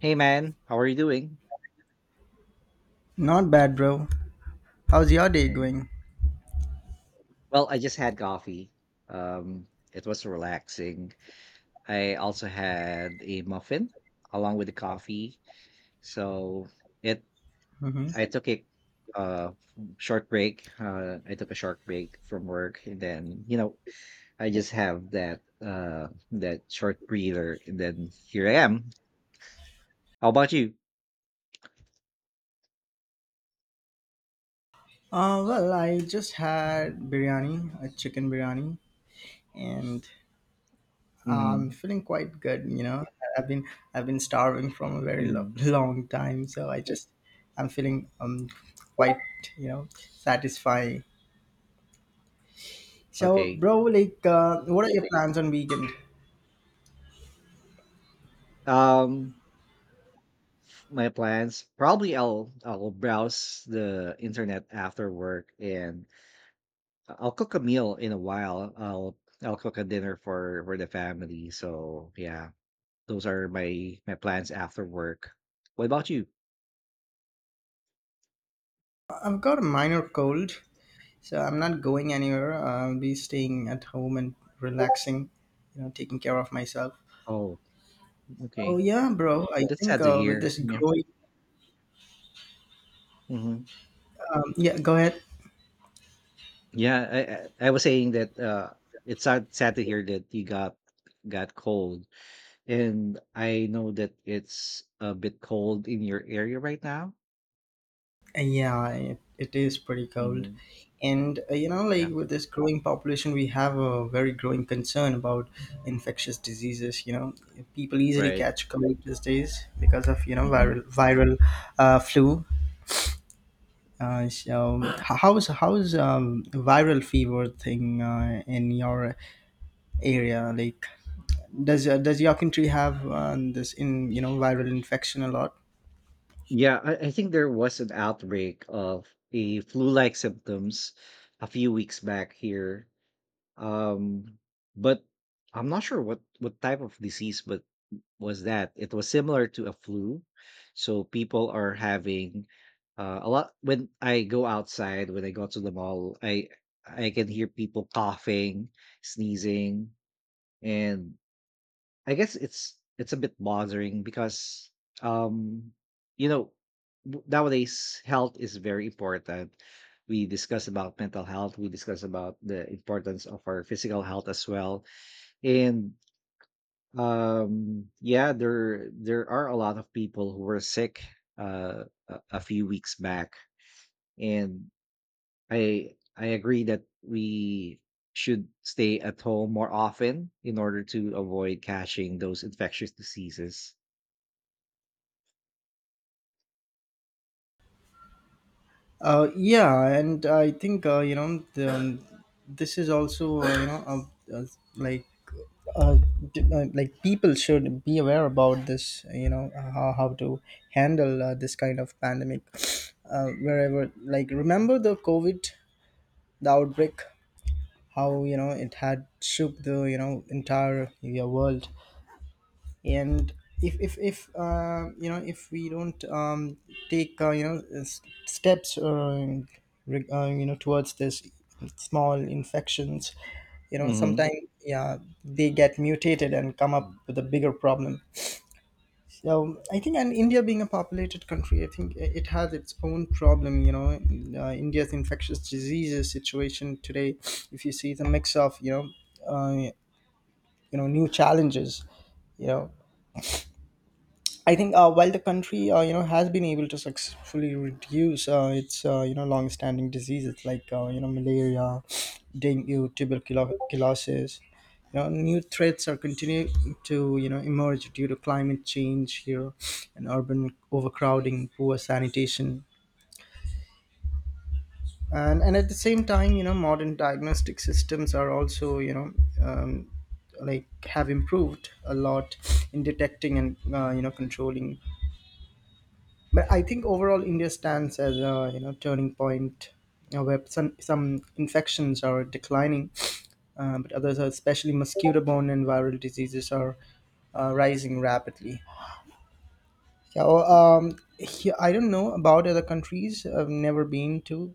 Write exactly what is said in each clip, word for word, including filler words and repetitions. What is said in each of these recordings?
Hey man, how are you doing? Not bad, bro. How's your day Mhm. going? Well, I just had coffee. Um, it was relaxing. I also had a muffin along with the coffee. So it hmm I So, took a uh short break. Uh I took a short break from work and then, you know, I just have that uh that short breather and then here I am. How about you? Uh, well, I just had biryani, a chicken biryani, and I'm Hmm. feeling quite good. You know, I've been I've been starving from a very lo- Hmm. long time, so I just I'm feeling um quite you know satisfying. So, Okay. bro, like, uh, what are your plans on weekend? Um my plans, probably i'll i'll browse the internet after work, and I'll cook a meal in a while. I'll i'll cook a dinner for for the family, so yeah, those are my my plans after work. What about you? I've got a minor cold, so I'm not going anywhere. I'll be staying at home and relaxing. You know, taking care of myself. Oh, Oh okay. yeah, bro. I That's think sad to uh, with hear, this yeah. growing, Hmm. um, yeah, go ahead. Yeah. I, I i was saying that uh it's sad, sad to hear that you got got cold, and I know that it's a bit cold in your area right now. Uh, Yeah, it, it is pretty cold, Hmm. and uh, you know, Yeah. like with this growing population, we have a very growing concern about infectious diseases. You know, people easily Right. catch cold these days because of you know Hmm. viral viral uh, flu. Uh, so h- how is how is um, viral fever thing uh, in your area? Like, does uh, does your country have um, this in you know viral infection a lot? Yeah, I, I think there was an outbreak of a flu-like symptoms a few weeks back here. Um, but I'm not sure what what type of disease, but was that it was similar to a flu. So people are having uh, a lot. When I go outside, when I go to the mall, I I can hear people coughing, sneezing, and I guess it's it's a bit bothering because um you know w- nowadays health is very important. We discuss about mental health, we discuss about the importance of our physical health as well. And um yeah, there there are a lot of people who were sick uh a, a few weeks back, and I I agree that we should stay at home more often in order to avoid catching those infectious diseases. Uh, yeah, and I think uh, you know the, um, this is also uh, you know uh, uh, like uh, d- uh, like people should be aware about this. You know how, how to handle uh, this kind of pandemic uh, wherever. Like remember the COVID, the outbreak, how you know it had shook the you know entire your world and if if if uh, you know if we don't um, take uh, you know s- steps uh, reg- uh, you know towards this small infections you know Mhm. sometimes yeah they get mutated and come up Mm. with a bigger problem. So I think, and India being a populated country I think i- it has its own problem. You know, uh, India's infectious diseases situation today, if you see the mix of you know uh, you know new challenges, you know I think uh, while the country uh, you know has been able to successfully reduce uh, its uh, you know long-standing diseases like uh, you know malaria, dengue, tuberculosis, you know new threats are continuing to you know emerge due to climate change here, and urban overcrowding, poor sanitation, and and at the same time you know modern diagnostic systems are also you know um, like have improved a lot in detecting and uh, you know controlling. But I think overall India stands as a you know turning point, uh, where some some infections are declining, uh, but others, are especially mosquito-borne and viral diseases, are uh, rising rapidly. Yeah, well, um, he- I don't know about other countries. I've never been to,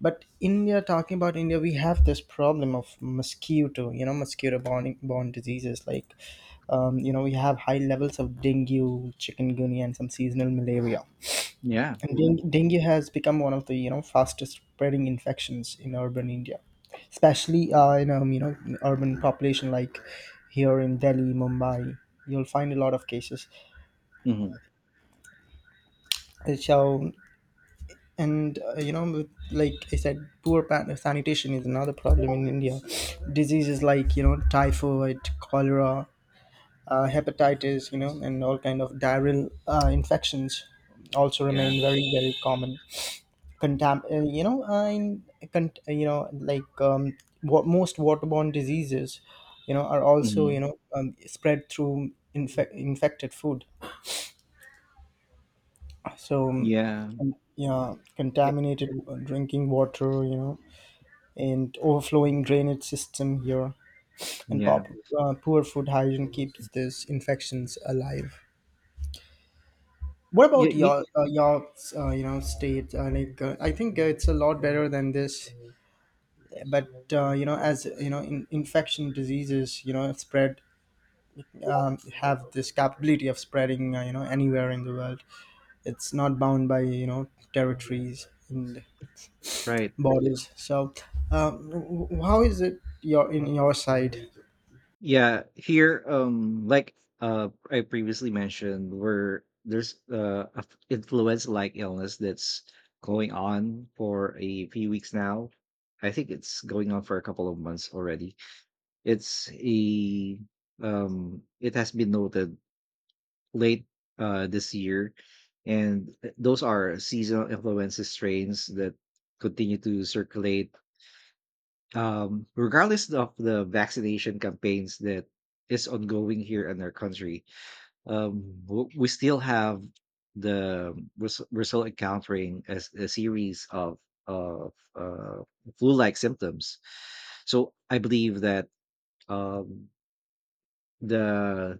but India. Talking about India, we have this problem of mosquito. You know, mosquito-borne borne diseases like um, you know we have high levels of dengue, chikungunya, and some seasonal malaria, Yeah. and Mm. deng- dengue has become one of the you know fastest spreading infections in urban India, especially uh, in um, you know in urban population like here in Delhi, Mumbai. You'll find a lot of cases. Mhm. Uh, So and uh, you know with- like I said, poor pa- sanitation is another problem in India. Diseases like you know typhoid, cholera, uh, hepatitis, you know, and all kind of diarrheal uh, infections also Yeah. remain very very common. contam- uh, you know uh, in con- uh, you know, like um, what most waterborne diseases you know are also you Mhm. know um, spread through infec- infected food. So Yeah. um, yeah, Eh, contaminated uh, drinking water you know, and overflowing drainage system here, and yeah. pop, uh, poor food hygiene keeps these infections alive. What Yeah, about ye your uh, your uh, you know state? uh, like uh, I think uh, it's a lot better than this, but uh, you know, as you know, in, infection diseases you know spread, um, have this capability of spreading uh, you know anywhere in the world. It's not bound by you know territories and Right. borders. So um, w- w- how is it your in your side? Yeah, here, um, like, uh, I previously mentioned where there's, uh, a f influenza-like illness that's going on for a few weeks now. I think it's going on for a couple of months already. It's a, um, it has been noted late uh, this year, and th- those are seasonal influenza strains that continue to circulate, um, regardless of the vaccination campaigns that is ongoing here in our country. Um, w- we still have the res- we're still encountering a, s- a series of of uh, flu-like symptoms. So I believe that um, the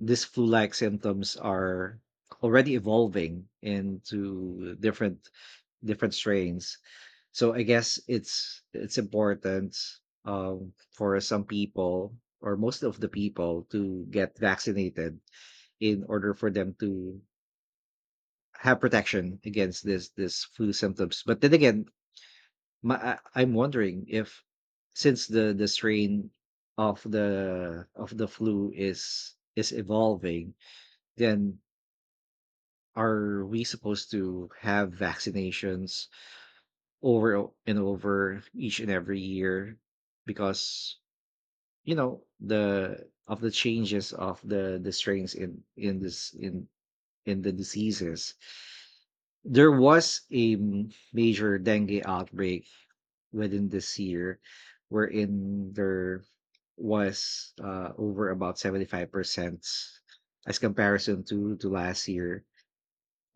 these flu like symptoms are already evolving into different different strains, so I guess it's it's important, um, for some people or most of the people, to get vaccinated in order for them to have protection against this this flu symptoms. But then again, my, I- I'm wondering if, since the the strain of the of the flu is is evolving, then are we supposed to have vaccinations over and over each and every year, because you know the of the changes of the the strains in in this in in the diseases. There was a m- major dengue outbreak within this year, wherein there was uh, over about seventy-five percent as comparison to to last year,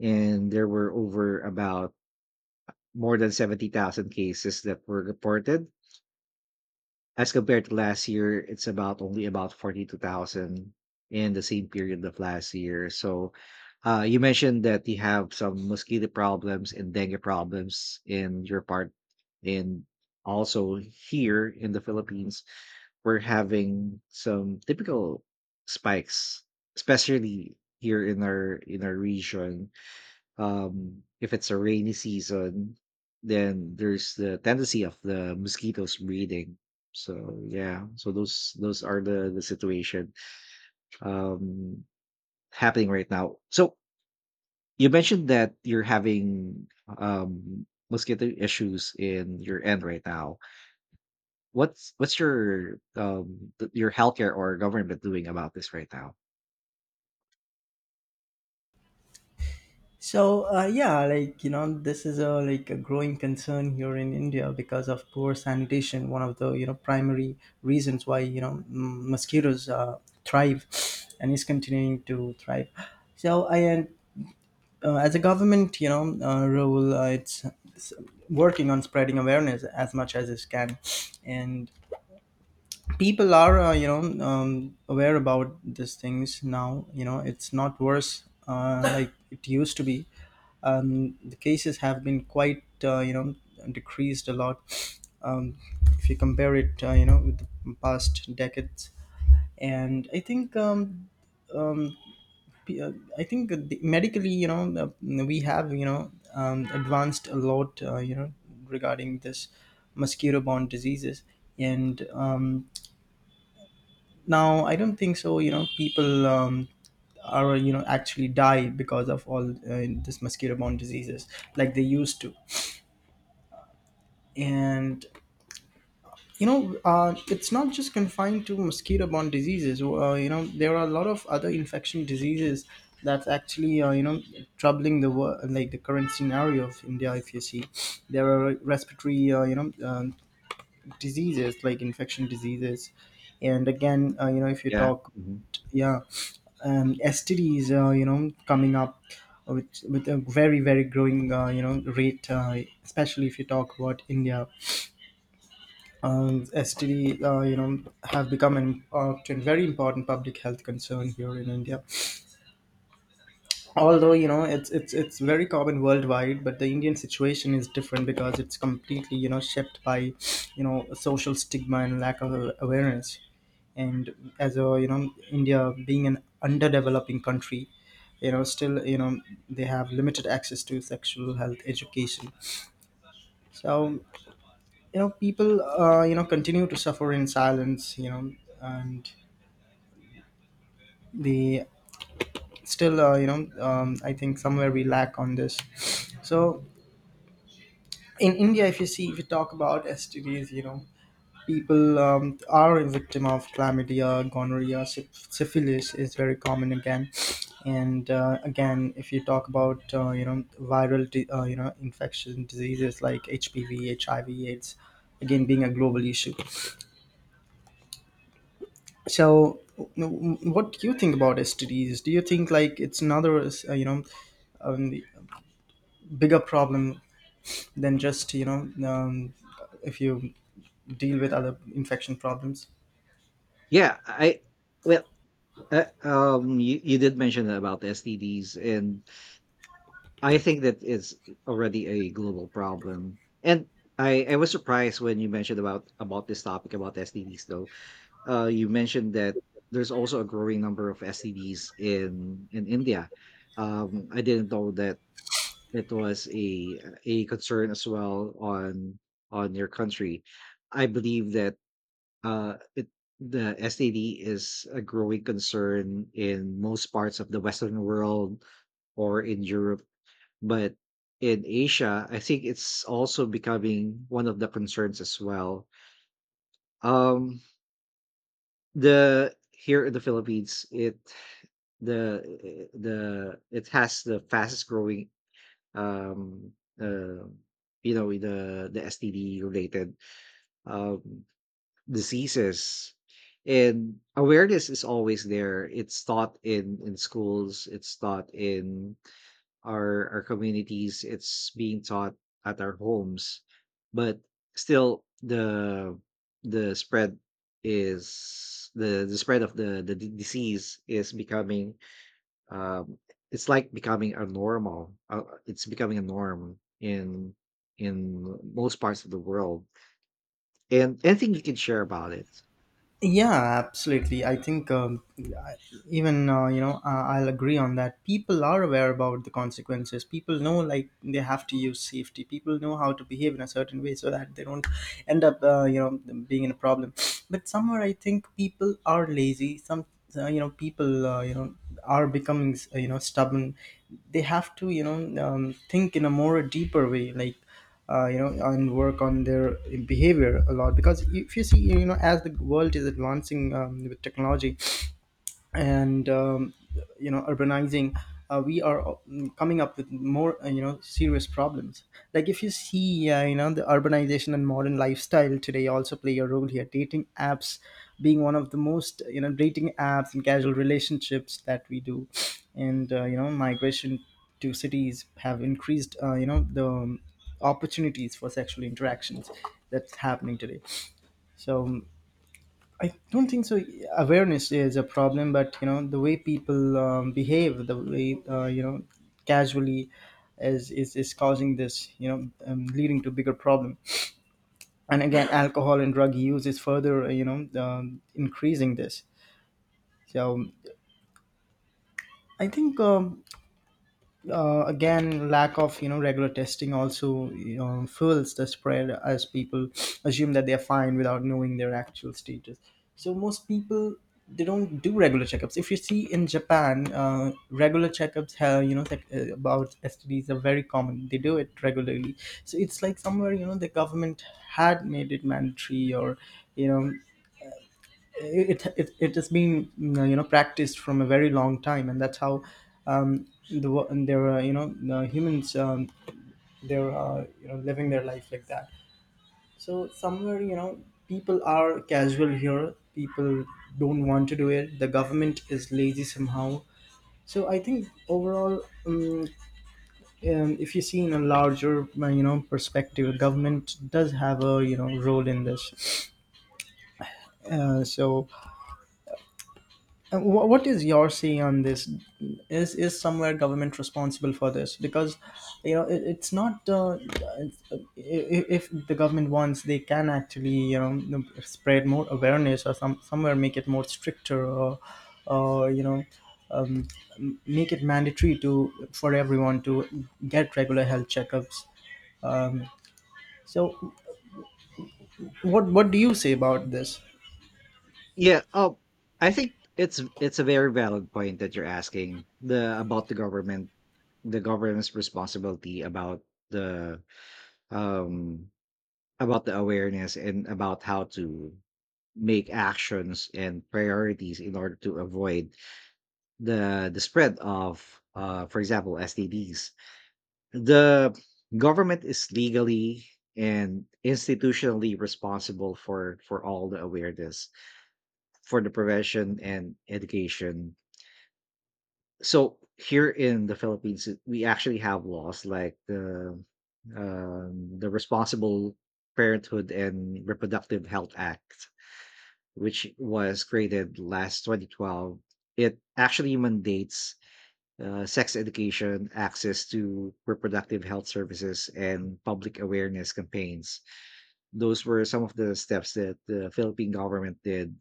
and there were over about more than seventy thousand cases that were reported. As compared to last year, it's about only about forty-two thousand in the same period of last year. So, uh, you mentioned that you have some mosquito problems and dengue problems in your part. And also here in the Philippines, we're having some typical spikes, especially here in our in our region. Um if it's a rainy season, then there's the tendency of the mosquitoes breeding. So yeah, so those those are the the situation um happening right now. So you mentioned that you're having um mosquito issues in your end right now. What's what's your um th- your healthcare or government doing about this right now? So uh, yeah, like you know, this is a like a growing concern here in India because of poor sanitation. One of the you know primary reasons why you know m- mosquitoes uh, thrive and is continuing to thrive. So I uh, as a government you know uh, role, uh, it's, it's working on spreading awareness as much as it can, and people are uh, you know um, aware about these things now. You know, it's not worse uh, like it used to be. Um, the cases have been quite uh, you know decreased a lot, um, if you compare it uh, you know with the past decades. And I think um, p- uh, I think the, medically you know uh, we have you know um, advanced a lot uh, you know regarding this mosquito borne diseases. And um, now I don't think so you know people um, are you know actually die because of all uh, this mosquito borne diseases like they used to. And you know uh, it's not just confined to mosquito borne diseases. Uh, you know, there are a lot of other infection diseases that's actually uh, you know troubling the world, like the current scenario of India, if you see there are respiratory uh, you know um, diseases like infection diseases. And again uh, you know if you Yeah. talk Mhm. yeah um, S T Ds uh, you know coming up uh, with with a very very growing uh, you know rate, uh, especially if you talk about India. um, S T D uh, you know have become an uh, a very important public health concern here in India, although you know it's it's it's very common worldwide. But the Indian situation is different because it's completely you know shaped by you know social stigma and lack of awareness. And as a you know India being an underdeveloping country, you know still you know they have limited access to sexual health education. So you know people uh, you know continue to suffer in silence, you know, and they still uh, you know um, I think somewhere we lack on this. So in India, if you see, if you talk about STDs, you know people um, are a victim of chlamydia, gonorrhea, syph- syphilis is very common again. And uh, again, if you talk about uh, you know viral di- uh, you know infection diseases like H P V, H I V, AIDS, again being a global issue. So, w- what do you think about S T Ds? Do you think like it's another uh, you know um, bigger problem than just you know um, if you deal with other infection problems? Yeah. i well uh, um you, you did mention about the STDs, and I think that is already a global problem. And I, I was surprised when you mentioned about about this topic about S T Ds though. Uh, you mentioned that there's also a growing number of S T Ds in in India. Um, I didn't know that it was a a concern as well on on your country. I believe that uh, it, the S T D is a growing concern in most parts of the Western world or in Europe, but in Asia, I think it's also becoming one of the concerns as well. Um, the Here in the Philippines, it the the it has the fastest growing um uh, you know the the S T D related um diseases. And awareness is always there. It's taught in in schools, it's taught in our our communities, it's being taught at our homes. But still, the the spread is the the spread of the the d- disease is becoming um it's like becoming a normal, uh, it's becoming a norm in in most parts of the world. And anything you can share about it? Yeah, absolutely. I think um, yeah, even uh, you know uh, I'll agree on that. People are aware about the consequences. People know like they have to use safety. People know how to behave in a certain way so that they don't end up uh, you know being in a problem. But somewhere I think people are lazy. Some uh, you know people uh, you know are becoming uh, you know stubborn. They have to you know um, think in a more deeper way, like uh, you know, and work on their behavior a lot. Because if you see you know, as the world is advancing um, with technology and um, you know urbanizing, uh, we are mm, coming up with more uh, you know serious problems. Like if you see uh, you know the urbanization and modern lifestyle today also play a role here. Dating apps being one of the most, you know, dating apps and casual relationships that we do, and uh, you know migration to cities have increased uh, you know the um, opportunities for sexual interactions that's happening today. So um, I don't think so. Awareness is a problem, but you know the way people um, behave, the way uh, you know casually, is, is is causing this, you know, um, leading to bigger problem. And again, alcohol and drug use is further, you know, um, increasing this. So I think um, uh, again, lack of you know regular testing also, you know, fuels the spread as people assume that they're fine without knowing their actual status. So most people, they don't do regular checkups. If you see in Japan, uh, regular checkups have, you know tech, uh, about S T Ds, are very common. They do it regularly. So it's like somewhere, you know, the government had made it mandatory, or you know, it it, it has been, mm, you know, practiced from a very long time, and that's how, um the wo- and there are, you know, the humans, um they're, uh, you know, living their life like that. So somewhere, you know, people are casual here. People don't want to do it. The government is lazy somehow. So I think overall, um, um, if you see in a larger, uh, you know, perspective, government does have a, you know, role in this. uh, so Uh, wh- what is your say on this? is is somewhere government responsible for this? Because you know, it, it's not uh, it's, uh, i- if the government wants, they can actually, you know, spread more awareness, or some somewhere make it more stricter, or or you know um, make it mandatory to, for everyone to get regular health checkups. um, so what what do you say about this? yeah oh I think it's it's a very valid point that you're asking, the about the government, the government's responsibility about the um about the awareness and about how to make actions and priorities in order to avoid the the spread of, uh for example, S T Ds. The government is legally and institutionally responsible for for all the awareness, for the prevention and education. So here in the Philippines, it- we actually have laws like the um, the Responsible Parenthood and Reproductive Health Act, which was created last twenty twelve. It actually mandates uh, sex education, access to reproductive health services, and public awareness campaigns. Those were some of the steps that the Philippine government did,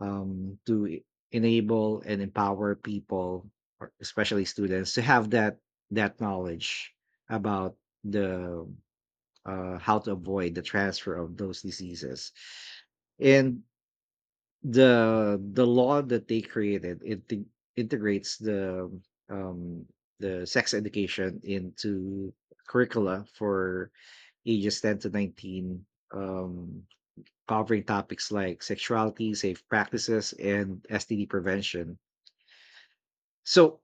um, to e- enable and empower people, or especially students, to have that that knowledge about the, uh, how to avoid the transfer of those diseases. And the the law that they created, it te- integrates the, um, the sex education into curricula for ages ten to nineteen, um, covering topics like sexuality, safe practices, and S T D prevention. So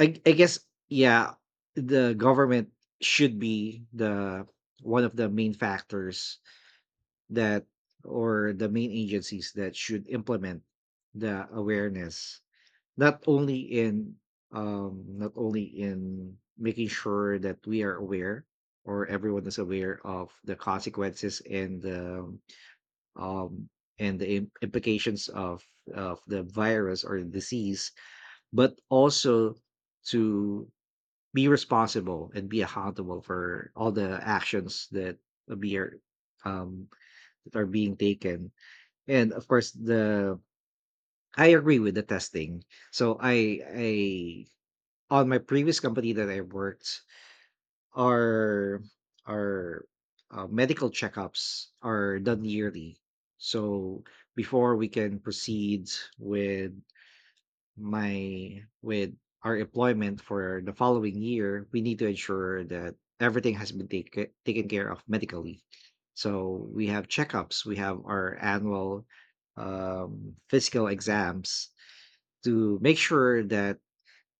I I guess, yeah, the government should be the one of the main factors that, or the main agencies that should implement the awareness, not only in um not only in making sure that we are aware, or everyone is aware, of the consequences and the um and the im- implications of of the virus or disease, but also to be responsible and be accountable for all the actions that be are, um that are being taken. And of course, the, I agree with the testing. So I I on my previous company that I worked, our our uh, medical checkups are done yearly. So before we can proceed with my with our employment for the following year, we need to ensure that everything has been take, taken care of medically. So we have checkups, we have our annual um, physical exams to make sure that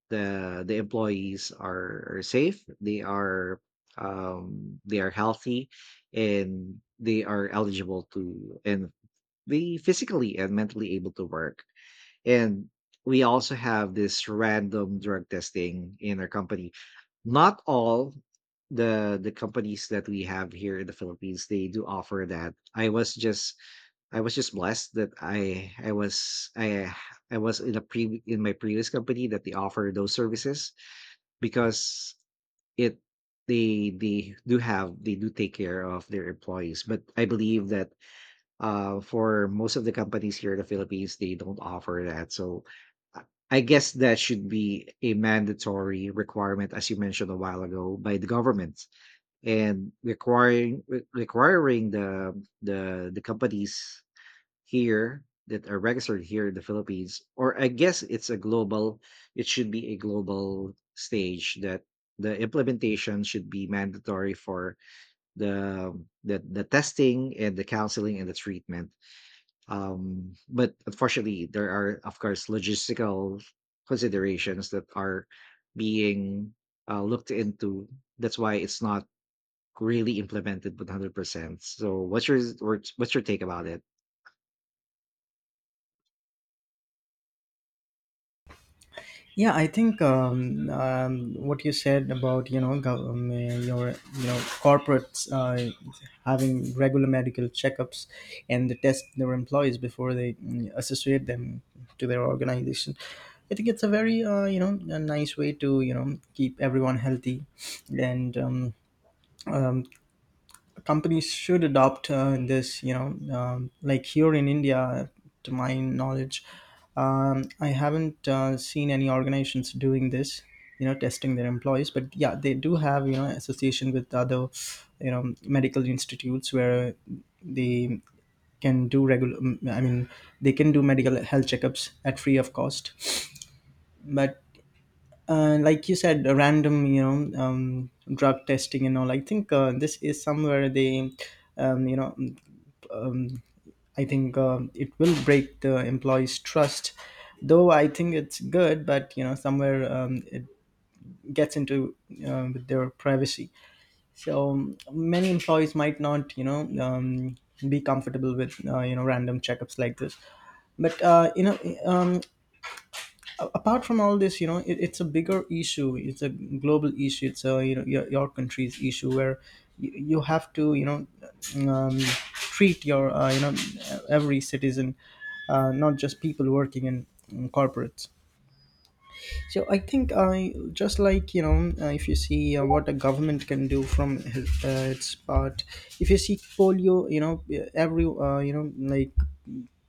the the employees are, are safe, they are um, they are healthy, and they are eligible to, and they physically and mentally able to work. And we also have this random drug testing in our company. Not all the the companies that we have here in the Philippines they do offer that. I was just, I was just blessed that I I was I I was in a pre in my previous company that they offer those services, because it, they they do have, they do take care of their employees. But I believe that, uh, for most of the companies here in the Philippines, they don't offer that. So I I guess that should be a mandatory requirement, as you mentioned a while ago, by the government, and requiring, re- requiring the the the companies here that are registered here in the Philippines, or I guess it's a global, it should be a global stage, that the implementation should be mandatory for the the, the testing and the counseling and the treatment, um, but unfortunately, there are, of course, logistical considerations that are being uh, looked into. That's why it's not really implemented one hundred percent. So, what's your, what's what's your take about it? Yeah, I think, um, um, what you said about, you know gov- um, uh, your, you know, corporates, uh, having regular medical checkups, and they test their employees before they, mm, associate them to their organization. I think it's a very, uh, you know, a nice way to, you know, keep everyone healthy. And, um, um, companies should adopt, uh, this, you know, um, like here in India, to my knowledge, um, I haven't, uh, seen any organizations doing this, you know, testing their employees. But yeah, they do have, you know, association with other, you know, medical institutes where they can do regular, um, I mean, they can do medical health checkups at free of cost. But, uh, like you said, a random, you know um, drug testing and all, I think, uh, this is somewhere they, um, you know I think, um, it will break the employees' trust. Though I think it's good, but you know, somewhere, um, it gets into, uh, with their privacy. So, um, many employees might not, you know um, be comfortable with, uh, you know, random checkups like this. But, uh, you know, um, a- apart from all this, you know, it, it's a bigger issue, it's a global issue, it's a, you know, your, your country's issue, where you, you have to, you know, um, treat your, uh, you know, every citizen, uh, not just people working in, in corporates. So I think I Just like, you know, uh, if you see, uh, what a government can do from his- uh, its part. If you see polio, you know, every, uh, you know like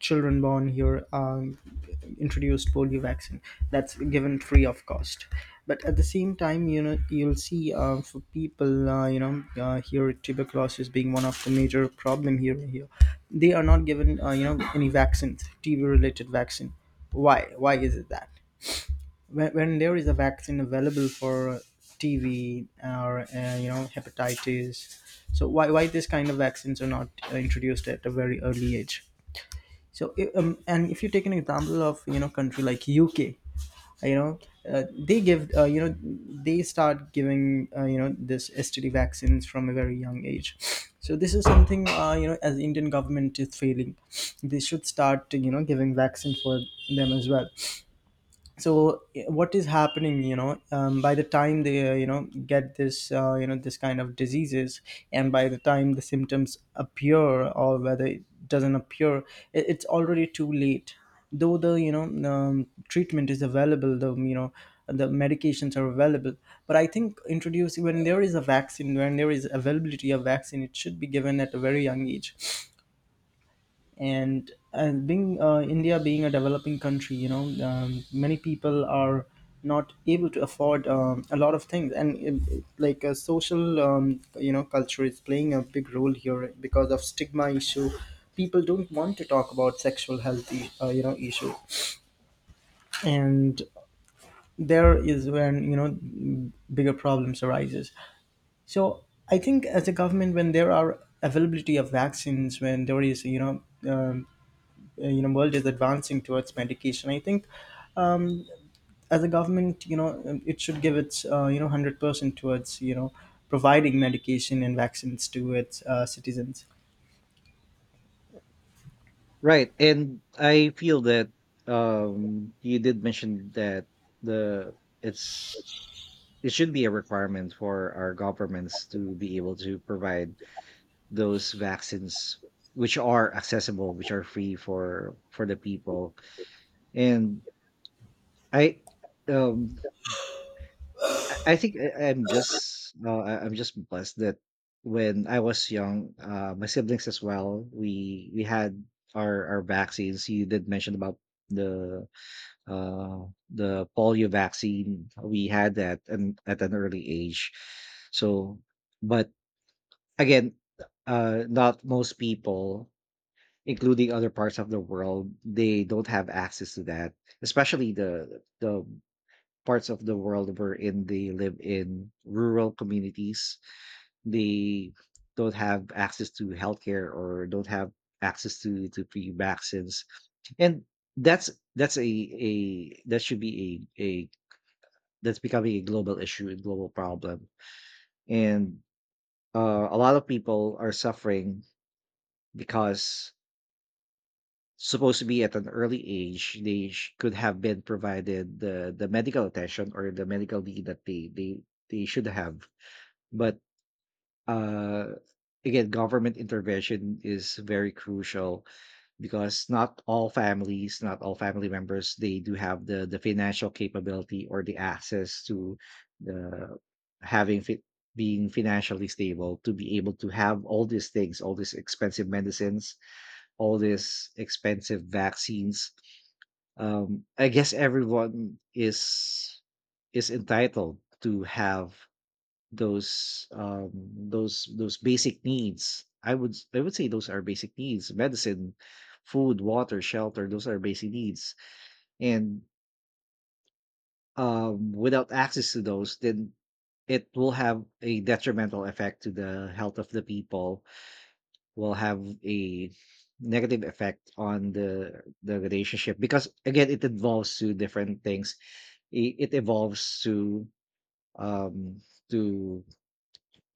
children born here are introduced polio vaccine, that's given free of cost. But at the same time, you know, you'll see, uh, for people, uh, you know uh, here tuberculosis being one of the major problem here here, they are not given, uh, you know, any vaccines, T B related vaccine. Why why is it that when, when there is a vaccine available for T B or, uh, you know, hepatitis, so why why this kind of vaccines are not, uh, introduced at a very early age? So i- um, and if you take an example of, you know, country like U K, you know, uh, they give, uh, you know they start giving, uh, you know, this S T D vaccines from a very young age. So this is something, uh, you know, as Indian government is failing. They should start, you know, giving vaccine for them as well. So, eh, what is happening, you know, um, by the time they, uh, you know get this, uh, you know this kind of diseases, and by the time the symptoms appear, or whether it doesn't appear, it, it's already too late. Though the, you know, um, treatment is available, the, you know, the medications are available. But I think introducing, when there is a vaccine, when there is availability of vaccine, it should be given at a very young age. And and being, uh, India being a developing country, you know, um, many people are not able to afford, um, a lot of things, and it- it- like a social, um, you know, culture is playing a big role here because of stigma issue. People don't want to talk about sexual health, i- uh, you know, issue, and there is when, you know, bigger problems arises. So I think as a government, when there are availability of vaccines, when there is you know. Um, uh, you know, world is advancing towards medication, I think, um, as a government, you know, um, it should give its, uh, you know, a hundred percent towards, you know, providing medication and vaccines to its, uh, citizens. Right. And I feel that, um you did mention that the it's, it should be a requirement for our governments to be able to provide those vaccines, which are accessible, which are free for for the people. And i um i I think I, i'm just uh, I- I'm just blessed that when I was young, uh my siblings as well, we we had our our vaccines. You did mention about the uh the polio vaccine. We had that, and at an early age. So, but again, uh not most people, including other parts of the world, they don't have access to that, especially the the parts of the world wherein they live in rural communities. They don't have access to healthcare or don't have access to to free vaccines, and that's that's a a that should be a a that's becoming a global issue, a global problem, and uh, a lot of people are suffering because supposed to be at an early age they sh- could have been provided the the medical attention or the medical need that they they they should have. But uh, again, government intervention is very crucial because not all families, not all family members, they do have the the financial capability or the access to the having fit being financially stable to be able to have all these things, all these expensive medicines, all these expensive vaccines. Um, I guess everyone is is entitled to have those um those those basic needs. i would I would say those are basic needs: medicine, food, water, shelter. Those are basic needs, and um without access to those, then it will have a detrimental effect to the health of the people, will have a negative effect on the the relationship, because again it involves to different things. It, it evolves to um to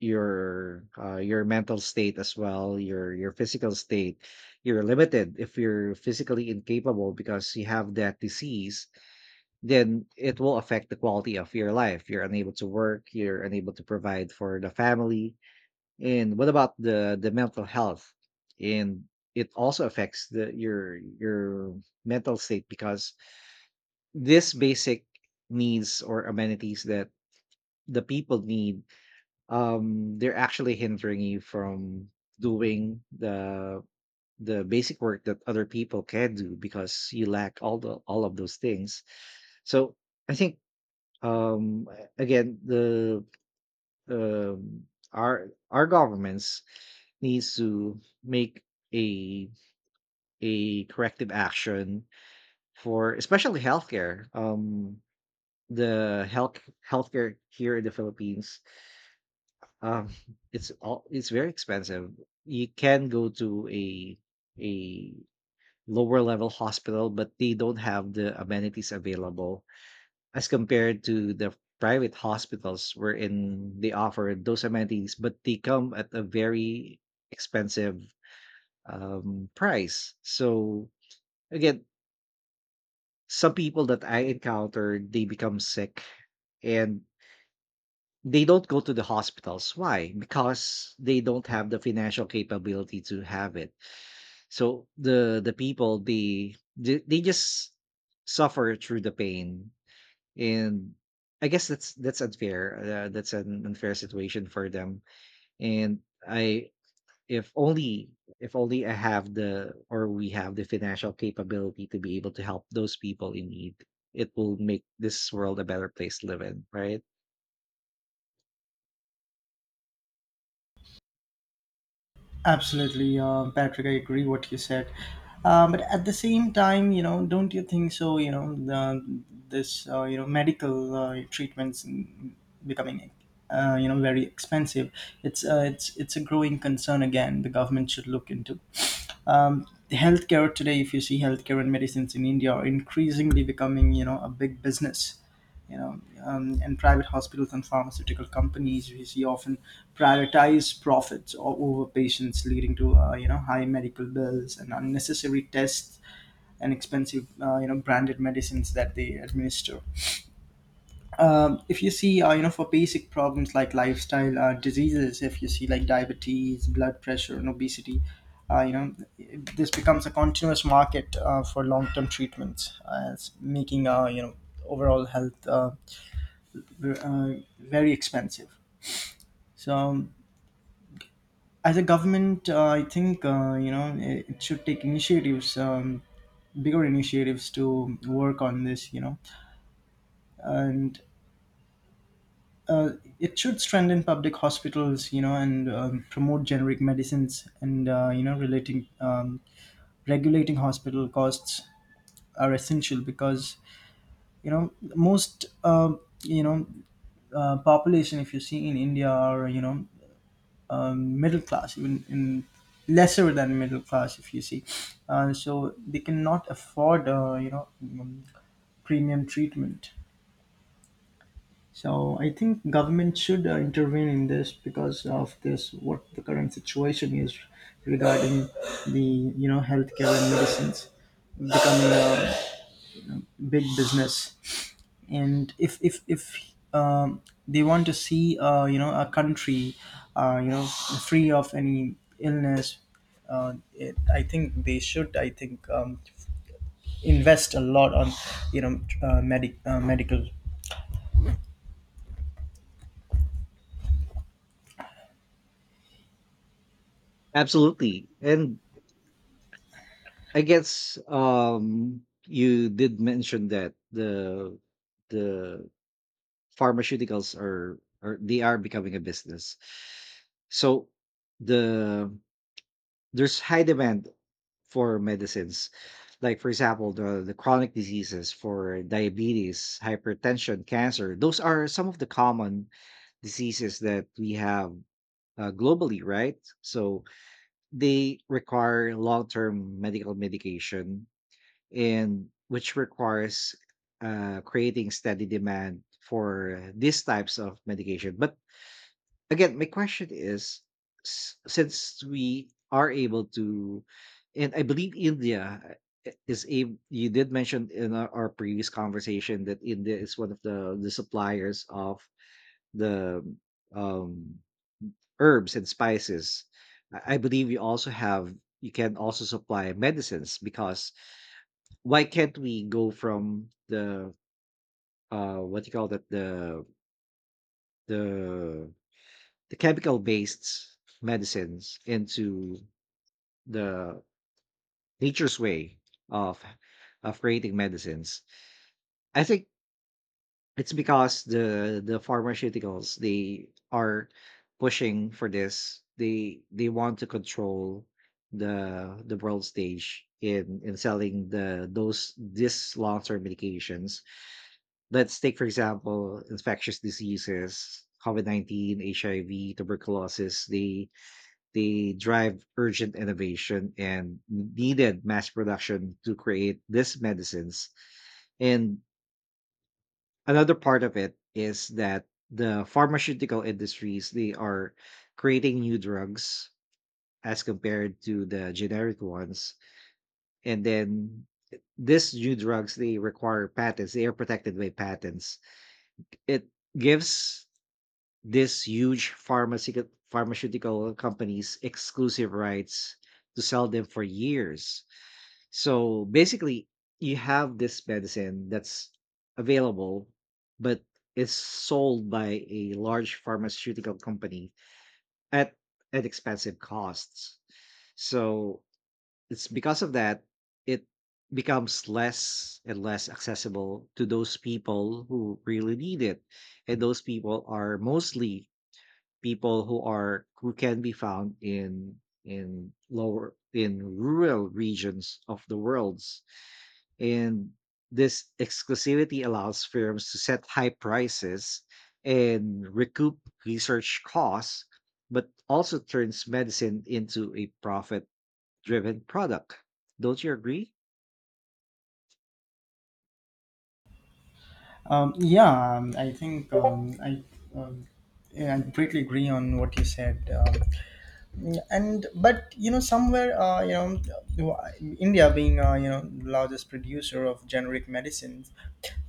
your uh, your mental state as well, your your physical state. You're limited. If you're physically incapable because you have that disease, then it will affect the quality of your life. You're unable to work, you're unable to provide for the family. And what about the the mental health? And it also affects the your your mental state, because this basic needs or amenities that the people need, um they're actually hindering you from doing the the basic work that other people can do, because you lack all the all of those things. So I think, um a- again, the um our our governments needs to make a a corrective action for, especially, healthcare. Um the health healthcare here in the Philippines, Um, it's all it's very expensive. You can go to a a lower level hospital, but they don't have the amenities available as compared to the private hospitals, wherein they offer those amenities, but they come at a very expensive um, price. So again, some people that I encountered, they become sick, and they don't go to the hospitals. Why? Because they don't have the financial capability to have it. So the the people, they they, they just suffer through the pain, and I guess that's that's unfair. Uh, that's an unfair situation for them. And I, if only if only I have the, or we have the financial capability to be able to help those people in need, it will make this world a better place to live in, right? Absolutely, uh, Patrick. I agree what you said, um, but at the same time, you know, don't you think so? You know, the, this, uh, you know, medical, uh, treatments becoming, uh, you know, very expensive. It's, uh, it's it's a growing concern again. The government should look into. um, Healthcare today, if you see, healthcare and medicines in India are increasingly becoming, you know, a big business, you know. Um, and private hospitals and pharmaceutical companies, we see, often prioritize profits o- over patients, leading to, uh, you know, high medical bills and unnecessary tests and expensive, uh, you know, branded medicines that they administer. Um, if you see, uh, you know, for basic problems like lifestyle, uh, diseases, if you see, like diabetes, blood pressure and obesity, uh, you know, this becomes a continuous market, uh, for long-term treatments, as making, uh, you know, overall health, uh, v- uh, very expensive. So, um, as a government, uh, I think, uh, you know, it, it should take initiatives, um, bigger initiatives to work on this, you know. And uh, it should strengthen public hospitals, you know, and, um, promote generic medicines, and, uh, you know relating um, regulating hospital costs are essential, because you know, most, um you know uh, population, if you see in India, are, you know, um, middle class, even in lesser than middle class, if you see, uh, so they cannot afford, uh, you know, um, premium treatment. So I think government should, uh, intervene in this, because of this, what the current situation is regarding the, you know, healthcare and medicines becoming a big business. And if if if, um, they want to see, uh, you know, a country, uh, you know, free of any illness, uh, it, I think they should I think, um, invest a lot on, you know, uh, medic uh, medical. Absolutely. And I guess um you did mention that the the pharmaceuticals are are they are becoming a business. So the there's high demand for medicines. Like for example, the the chronic diseases, for diabetes, hypertension, cancer. Those are some of the common diseases that we have uh, globally, right? So they require long-term medical medication, and which requires uh, creating steady demand for these types of medication. But again, my question is, s- since we are able to, and I believe India uh, is a you did mention in our, our previous conversation that India is one of the the suppliers of the um, herbs and spices. I I believe you also have, you can also supply medicines. Because why can't we go from the uh what you call that the the the chemical based medicines into the nature's way of of creating medicines? I think it's because the the pharmaceuticals, they are pushing for this. They they want to control the the world stage in in selling the those this long term medications. Let's take, for example, infectious diseases: COVID nineteen, H I V, tuberculosis. They they drive urgent innovation and needed mass production to create these medicines. And another part of it is that the pharmaceutical industries, they are creating new drugs as compared to the generic ones. And then these new drugs, they require patents. They are protected by patents. It gives these huge pharmaceutical pharmaceutical companies exclusive rights to sell them for years. So basically, you have this medicine that's available, but it's sold by a large pharmaceutical company at at expensive costs. So it's because of that, it becomes less and less accessible to those people who really need it. And those people are mostly people who are, who can be found in in lower in rural regions of the worlds. And this exclusivity allows firms to set high prices and recoup research costs, but also turns medicine into a profit driven product. Don't you agree? Um, yeah, um, I think, um, I, um, yeah, I completely agree on what you said. Um, and but you know, somewhere, uh, you know India being, uh, you know, largest producer of generic medicines,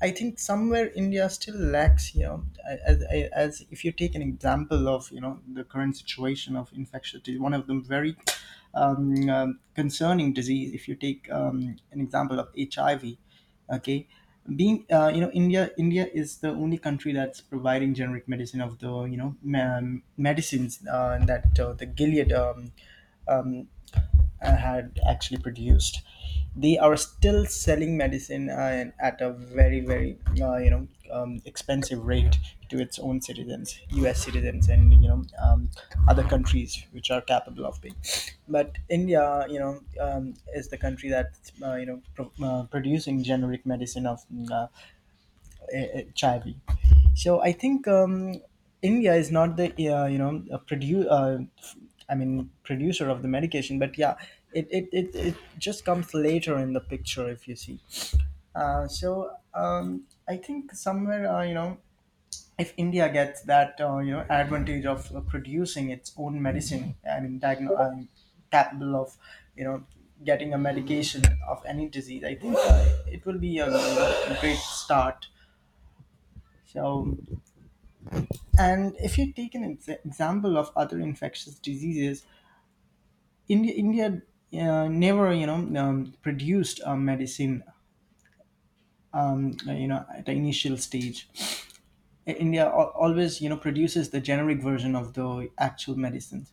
I think somewhere India still lacks, you know, as, as as- if you take an example of, you know, the current situation of infectious disease, one of them very, um, um, concerning disease. If you take, um, an example of H I V, okay, being, uh, you know india India is the only country that's providing generic medicine of the, you know ma- medicines, uh, that uh, the Gilead, um, um, uh, had actually produced. They are still selling medicine, uh, at a very very, uh, you know, um, expensive rate to its own citizens, US citizens, and you know, um, other countries which are capable of paying. But India, you know, um, is the country that, uh, you know pro- uh, producing generic medicine of, uh, uh, Chavi. So I think, um, India is not the, uh, you know a produ- uh, f- I mean producer of the medication, but yeah, it it, it, it just comes later in the picture, if you see. Uh, so um, I think somewhere, uh, you know, if India gets that, uh, you know, advantage of, uh, producing its own medicine, I mean, diagno- um, capable of, you know, getting a medication of any disease, I think, uh, it will be a, you great start. So, and if you take an ex- example of other infectious diseases, India, India, uh, never, you know, um, produced a medicine, um, you know, at the initial stage. India al- always, you know, produces the generic version of the actual medicines,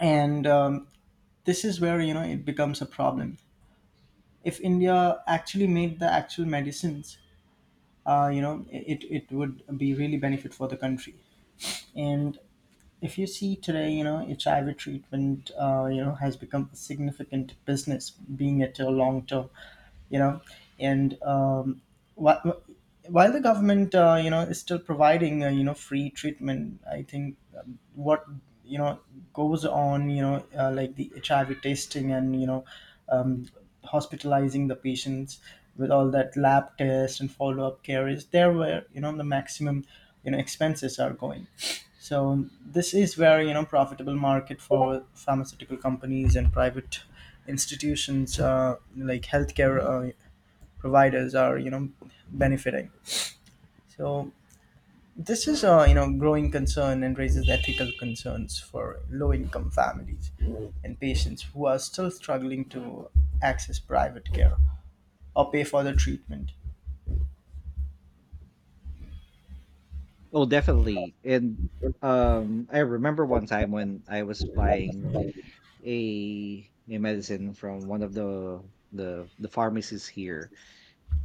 and, um, this is where you know it becomes a problem. If India actually made the actual medicines, uh, you know, it it would be really benefit for the country. And if you see today, you know, H I V treatment, uh, you know, has become a significant business, being it a long term, you know, and, um, while, while the government, uh, you know, is still providing, uh, you know, free treatment, I think, um, what, you know, goes on, you know, uh, like the H I V testing, and you know, um, hospitalizing the patients with all that lab test and follow up care is there, where you know the maximum, you know, expenses are going. So, um, this is where you know, profitable market for pharmaceutical companies and private institutions, uh, like healthcare, uh, providers are, you know, benefiting. So this is a, you know, growing concern and raises ethical concerns for low income families and patients who are still struggling to access private care or pay for the treatment. Oh, definitely. And um I remember one time when I was buying a a medicine from one of the the the pharmacies here.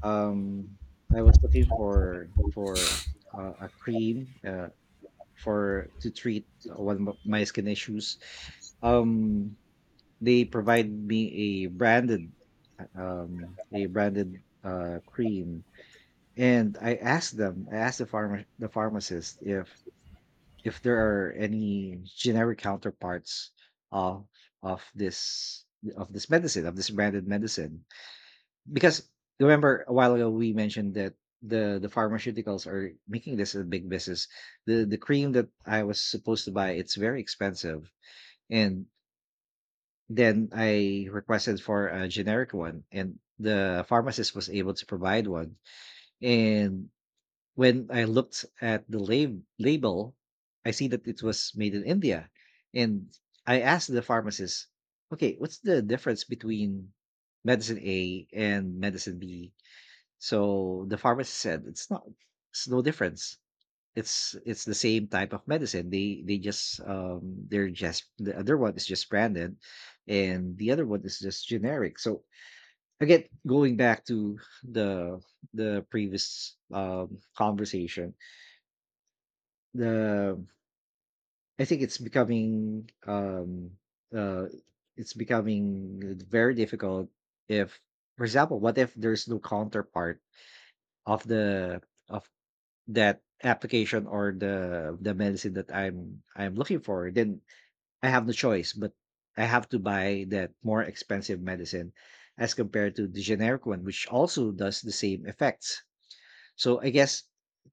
Um, I was looking for for uh, a cream uh, for to treat one of my skin issues. Um, they provide me a branded uh, um a branded uh cream, and I asked them, I asked the pharma the pharmacist if if there are any generic counterparts of of this of this medicine, of this branded medicine, because remember a while ago we mentioned that the the pharmaceuticals are making this a big business. The the cream that I was supposed to buy, it's very expensive. And then I requested for a generic one, and the pharmacist was able to provide one. And when I looked at the lab- label, I see that it was made in India. And I asked the pharmacist, okay, what's the difference between medicine A and medicine B? So the pharmacist said it's not, it's no difference. It's it's the same type of medicine. They they just um they're just the other one is just branded, and the other one is just generic. So again, going back to the the previous um conversation, the I think it's becoming um uh it's becoming very difficult if, for example, what if there's no counterpart of the of that application, or the the medicine that I'm I'm looking for? Then I have no choice, but I have to buy that more expensive medicine as compared to the generic one, which also does the same effects. So I guess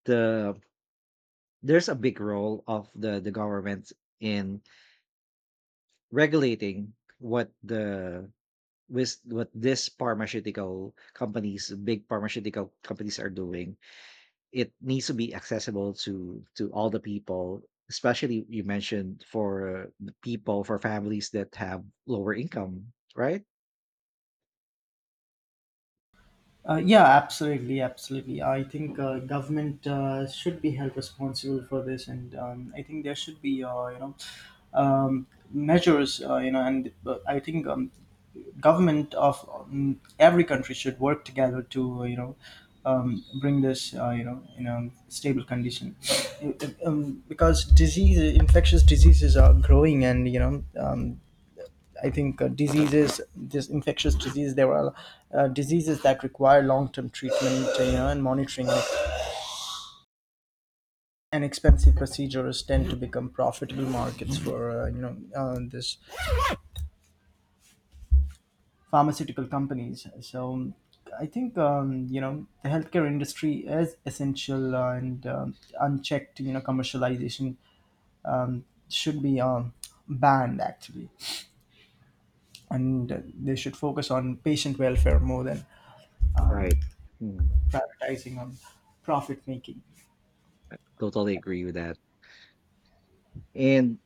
the there's a big role of the the government in regulating what the with what this pharmaceutical companies, big pharmaceutical companies, are doing. It needs to be accessible to to all the people, especially, you mentioned, for the people, for families that have lower income, right? Uh, yeah, absolutely, absolutely. I think, uh, government, uh, should be held responsible for this. And, um, I think there should be, uh, you know, um, measures, uh, you know. And, uh, I think, um, government of, um, every country should work together to, you know, um, bring this, uh, you know, in a stable condition. Uh, um, because disease, infectious diseases are growing, and you know, um, I think, uh, diseases, this infectious disease, there are, uh, diseases that require long-term treatment, uh, you know, and monitoring, like, and expensive procedures tend to become profitable markets for, uh, you know, uh, this pharmaceutical companies. So I think, um, you know, the healthcare industry is essential, uh, and, um, unchecked, you know, commercialization, um, should be, um, banned actually, and, uh, they should focus on patient welfare more than um, Right. Mm, prioritizing on profit making. totally agree with that. And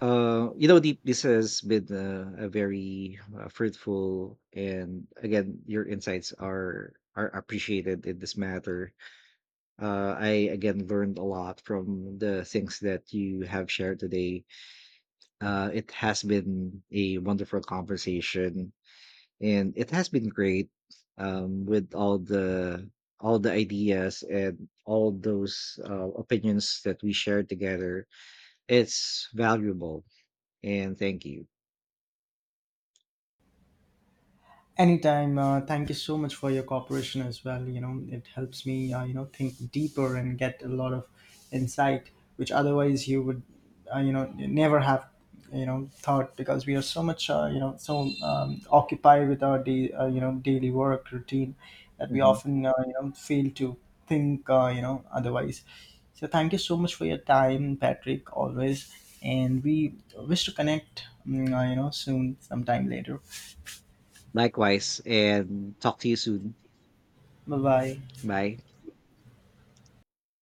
uh you know, the, this has been a, a very uh, fruitful, and again, your insights are are appreciated in this matter. Uh, I again learned a lot from the things that you have shared today. Uh, it has been a wonderful conversation, and it has been great um, with all the all the ideas and all those uh, opinions that we shared together. It's valuable, and thank you. Anytime. Uh, thank you so much for your cooperation as well. You know, it helps me, uh, you know, think deeper and get a lot of insight, which otherwise you would, uh, you know, never have, you know, thought, because we are so much, uh, you know, so, um, occupied with our, day, uh, you know, daily work routine, that we Mhm. often, uh, you know, fail to think, uh, you know, otherwise. So thank you so much for your time, Patrick, always. And we wish to connect, mm, uh, you know, soon, sometime later. Likewise, and talk to you soon. Bye bye. Bye.